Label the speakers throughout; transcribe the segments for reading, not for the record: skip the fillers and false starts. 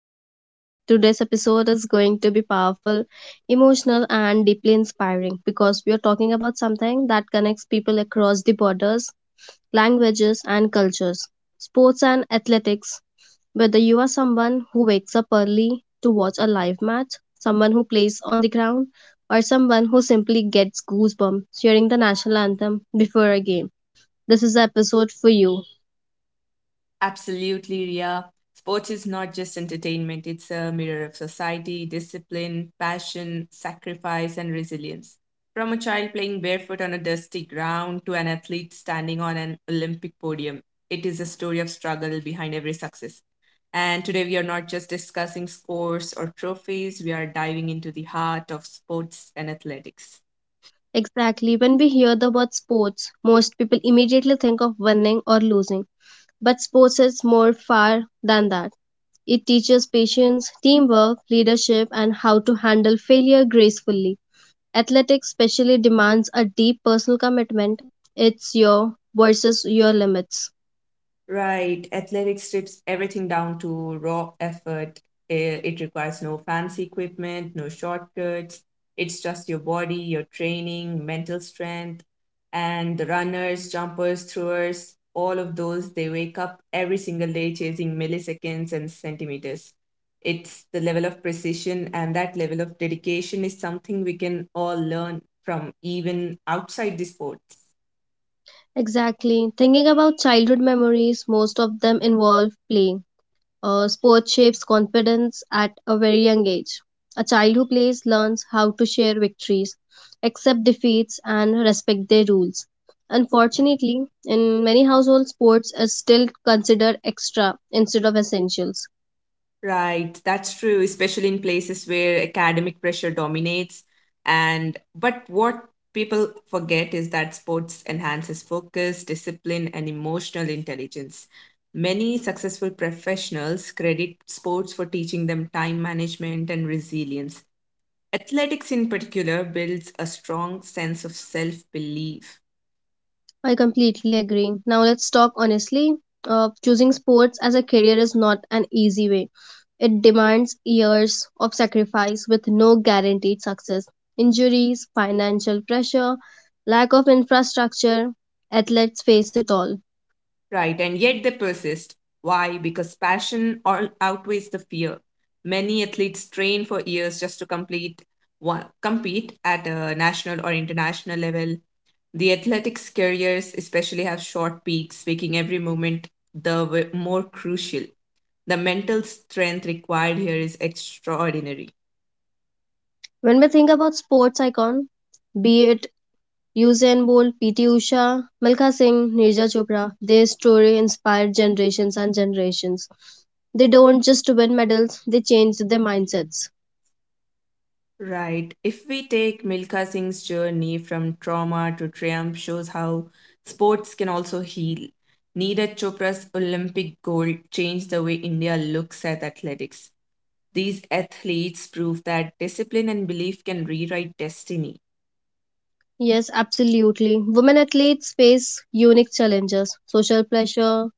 Speaker 1: Studio. Today's episode is going to be powerful, emotional, and deeply inspiring because we are talking about something that connects people across the borders, languages, and cultures, sports and athletics. Whether you are someone who wakes up early to watch a live match, someone who plays on the ground, or someone who simply gets goosebumps hearing the national anthem before a game, this is the episode for you.
Speaker 2: Absolutely, Ria. Sports is not just entertainment, it's a mirror of society, discipline, passion, sacrifice, and resilience. From a child playing barefoot on a dusty ground to an athlete standing on an Olympic podium, it is a story of struggle behind every success. And today we are not just discussing scores or trophies, we are diving into the heart of sports and athletics.
Speaker 1: Exactly. When we hear the word sports, most people immediately think of winning or losing. But sports is more far than that. It teaches patience, teamwork, leadership, and how to handle failure gracefully. Athletics especially demands a deep personal commitment. It's your versus your limits.
Speaker 2: Right. Athletics strips everything down to raw effort. It requires no fancy equipment, no shortcuts. It's just your body, your training, mental strength. And the runners, jumpers, throwers, all of those, they wake up every single day chasing milliseconds and centimeters. It's the level of precision and that level of dedication is something we can all learn from even outside the sport.
Speaker 1: Exactly. Thinking about childhood memories, most of them involve play. Sport shapes confidence at a very young age. A child who plays learns how to share victories, accept defeats, and respect their rules. Unfortunately, in many households, sports is still considered extra instead of essentials.
Speaker 2: Right, that's true, especially in places where academic pressure dominates. And but what people forget is that sports enhances focus, discipline, and emotional intelligence. Many successful professionals credit sports for teaching them time management and resilience. Athletics, in particular, builds a strong sense of self belief.
Speaker 1: I completely agree. Now, let's talk honestly. Choosing sports as a career is not an easy way. It demands years of sacrifice with no guaranteed success. Injuries, financial pressure, lack of infrastructure, athletes face it all.
Speaker 2: Right, and yet they persist. Why? Because passion or outweighs the fear. Many athletes train for years just to complete one, compete at a national or international level. The athletics careers especially have short peaks, making every moment more crucial. The mental strength required here is extraordinary.
Speaker 1: When we think about sports icon, be it Usain Bolt, PT Usha, Milkha Singh, Nirja Chopra, their story inspired generations and generations. They don't just win medals, they change their mindsets.
Speaker 2: Right. If we take Milka Singh's journey from trauma to triumph shows how sports can also heal. Neeraj Chopra's Olympic gold changed the way India looks at athletics. These athletes prove that discipline and belief can rewrite destiny.
Speaker 1: Yes, absolutely. Women athletes face unique challenges, social pressure,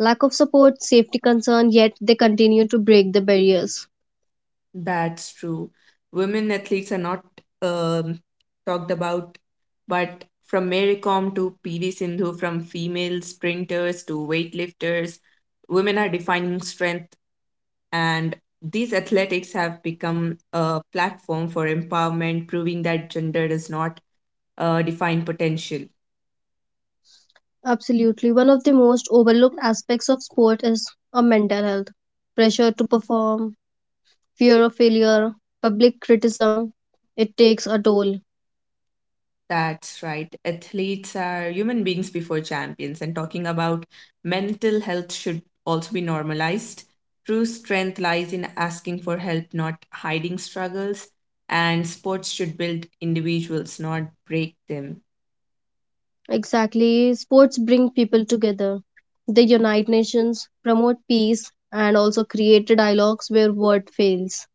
Speaker 1: lack of support, safety concern, yet they continue to break the barriers.
Speaker 2: That's true. Women athletes are not um, talked about, but from Mary Kom to PV Sindhu, from female sprinters to weightlifters, women are defining strength. And these athletics have become a platform for empowerment, proving that gender does not define potential.
Speaker 1: Absolutely. One of the most overlooked aspects of sport is a mental health. Pressure to perform, fear of failure, public criticism, it takes a toll.
Speaker 2: That's right. Athletes are human beings before champions, and talking about mental health should also be normalized. True strength lies in asking for help, not hiding struggles, and sports should build individuals, not break them.
Speaker 1: Exactly. Sports bring people together. They unite nations, promote peace, and also create dialogues where word fails.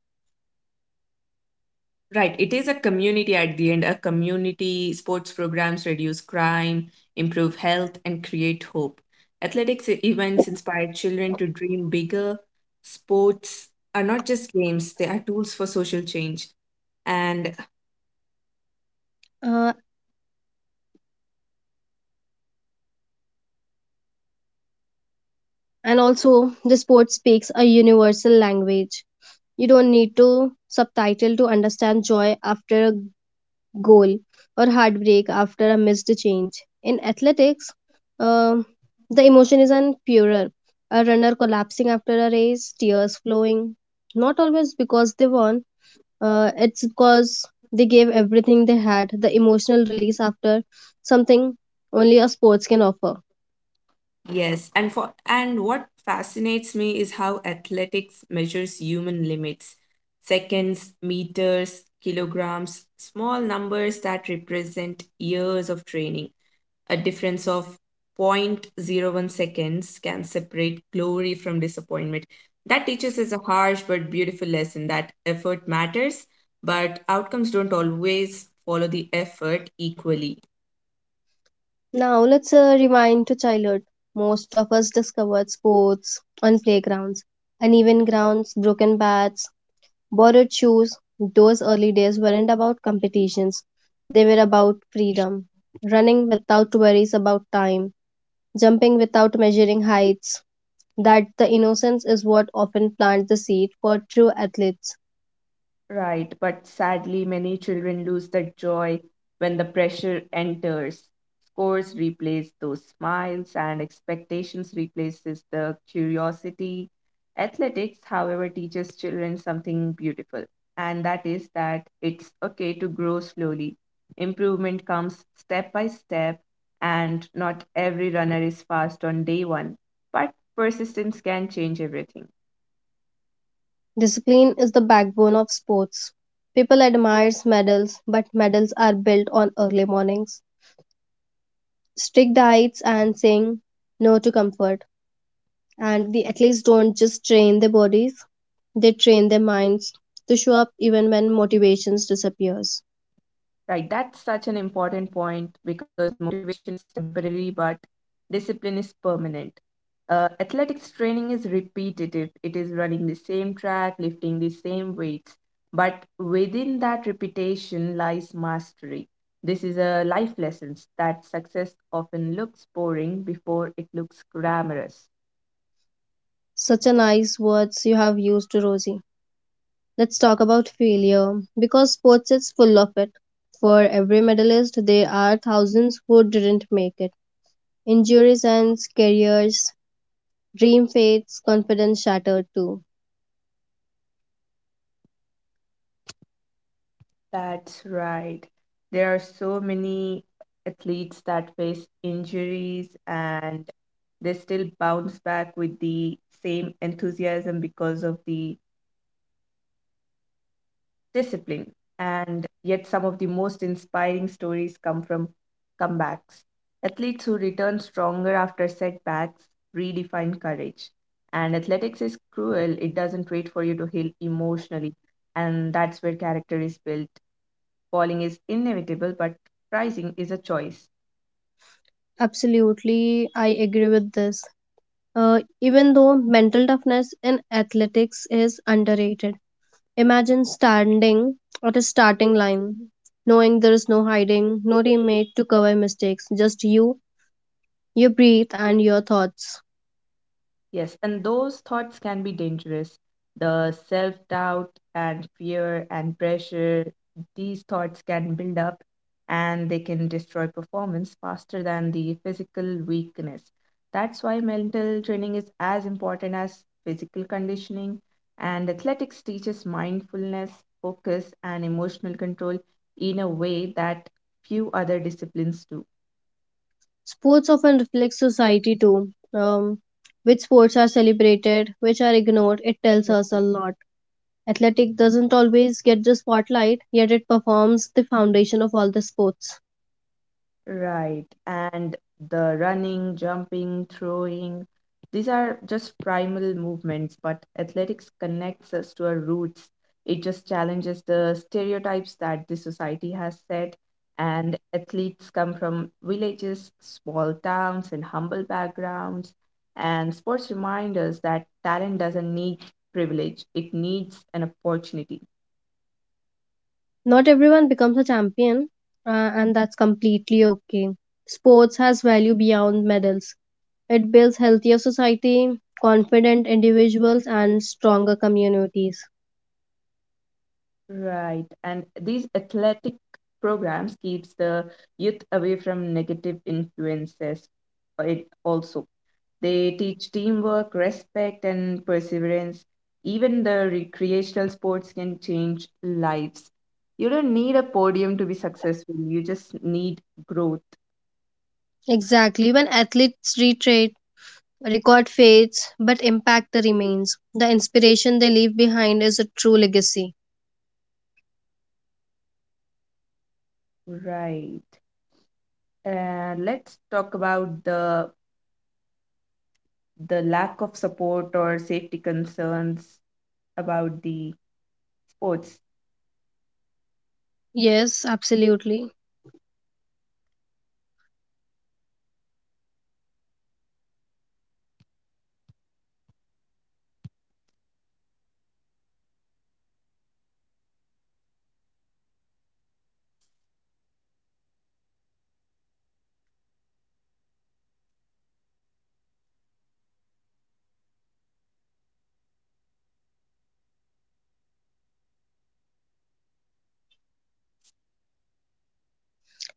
Speaker 2: Right. It is a community at the end. A community sports programs reduce crime, improve health, and create hope. Events inspire children to dream bigger. Sports are not just games, they are tools for social change. And
Speaker 1: Uh, and also, the sport speaks a universal language. You don't need to subtitle to understand joy after a goal or heartbreak after a missed change. In athletics, um the emotion is an purer. A runner collapsing after a race, tears flowing, not always because they won, it's because they gave everything they had. The emotional release after something only a sports can offer.
Speaker 2: Yes, and what fascinates me is how athletics measures human limits. Seconds, meters, kilograms, small numbers that represent years of training. A difference of zero point zero 0.01 seconds can separate glory from disappointment. That teaches us a harsh but beautiful lesson that effort matters, but outcomes don't always follow the effort equally.
Speaker 1: Now let's rewind to childhood. Most of us discovered sports on playgrounds, uneven grounds, broken bats, borrowed shoes. Those early days weren't about competitions, they were about freedom. Running without worries about time, jumping without measuring heights. That the innocence is what often plants the seed for true athletes.
Speaker 2: Right, but sadly, many children lose that joy when the pressure enters. Scores replace those smiles, and expectations replaces the curiosity. Athletics, however, teaches children something beautiful, and that is that it's okay to grow slowly. Improvement comes step by step, and not every runner is fast on day one, but persistence can change everything.
Speaker 1: Discipline is the backbone of sports. People admire medals, but medals are built on early mornings, strict diets and saying no to comfort. And the athletes don't just train their bodies, they train their minds to show up even when motivations disappears.
Speaker 2: Right, that's such an important point because motivation is temporary, but discipline is permanent. Athletics training is repetitive, it is running the same track, lifting the same weights, but within that repetition lies mastery. This is a life lesson that success often looks boring before it looks glamorous.
Speaker 1: Such a nice words you have used, Rosie. Let's talk about failure because sports is full of it. For every medalist, there are thousands who didn't make it. Injuries and careers, dream fates, confidence shattered too.
Speaker 2: That's right. There are so many athletes that face injuries and they still bounce back with the same enthusiasm because of the discipline. And yet, some of the most inspiring stories come from comebacks. Athletes who return stronger after setbacks redefine courage. And athletics is cruel, it doesn't wait for you to heal emotionally. And that's where character is built. Falling is inevitable, but rising is a choice.
Speaker 1: Absolutely, I agree with this. Even though mental toughness in athletics is underrated, imagine standing at a starting line, knowing there is no hiding, no teammate to cover mistakes, just you, your breath, and your thoughts.
Speaker 2: Yes, and those thoughts can be dangerous. The self doubt and fear and pressure, these thoughts can build up and they can destroy performance faster than the physical weakness. That's why mental training is as important as physical conditioning, and athletics teaches mindfulness, focus, and emotional control in a way that few other disciplines do.
Speaker 1: Sports often reflect society too. Which sports are celebrated, which are ignored, it tells us a lot. Athletic doesn't always get the spotlight, yet it performs the foundation of all the sports.
Speaker 2: Right. And the running, jumping, throwing, these are just primal movements, but athletics connects us to our roots. It just challenges the stereotypes that the society has set. And athletes come from villages, small towns, and humble backgrounds. And sports remind us that talent doesn't need privilege, it needs an opportunity.
Speaker 1: Not everyone becomes a champion, and that's completely okay. Sports has value beyond medals. It builds healthier society, confident individuals, and stronger communities.
Speaker 2: Right. And these athletic programs keeps the youth away from negative influences. It also they teach teamwork, respect, and perseverance. Even the recreational sports can change lives. You don't need a podium to be successful. You just need growth.
Speaker 1: Exactly. When athletes retreat, record fades, but impact remains. The inspiration they leave behind is a true legacy.
Speaker 2: Right. And let's talk about the lack of support or safety concerns about the sports.
Speaker 1: Yes, absolutely.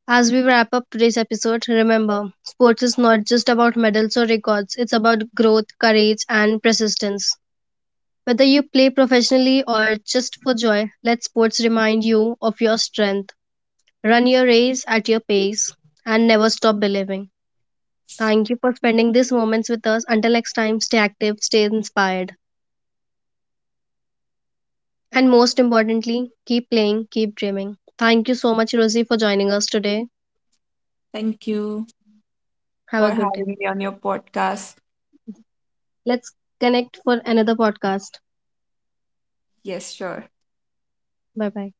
Speaker 1: As we wrap up today's episode, remember, sports is not just about medals or records, it's about growth, courage, and persistence. Whether you play professionally or just for joy, let sports remind you of your strength. Run your race at your pace and never stop believing. Thank you for spending these moments with us. Until next time, stay active, stay inspired, and most importantly, keep playing, keep dreaming. Thank you so much, Rosie, for joining us today.
Speaker 2: Thank you
Speaker 1: Have
Speaker 2: for
Speaker 1: a good day.
Speaker 2: having me on your podcast.
Speaker 1: Let's connect for another podcast.
Speaker 2: Yes, sure.
Speaker 1: Bye bye.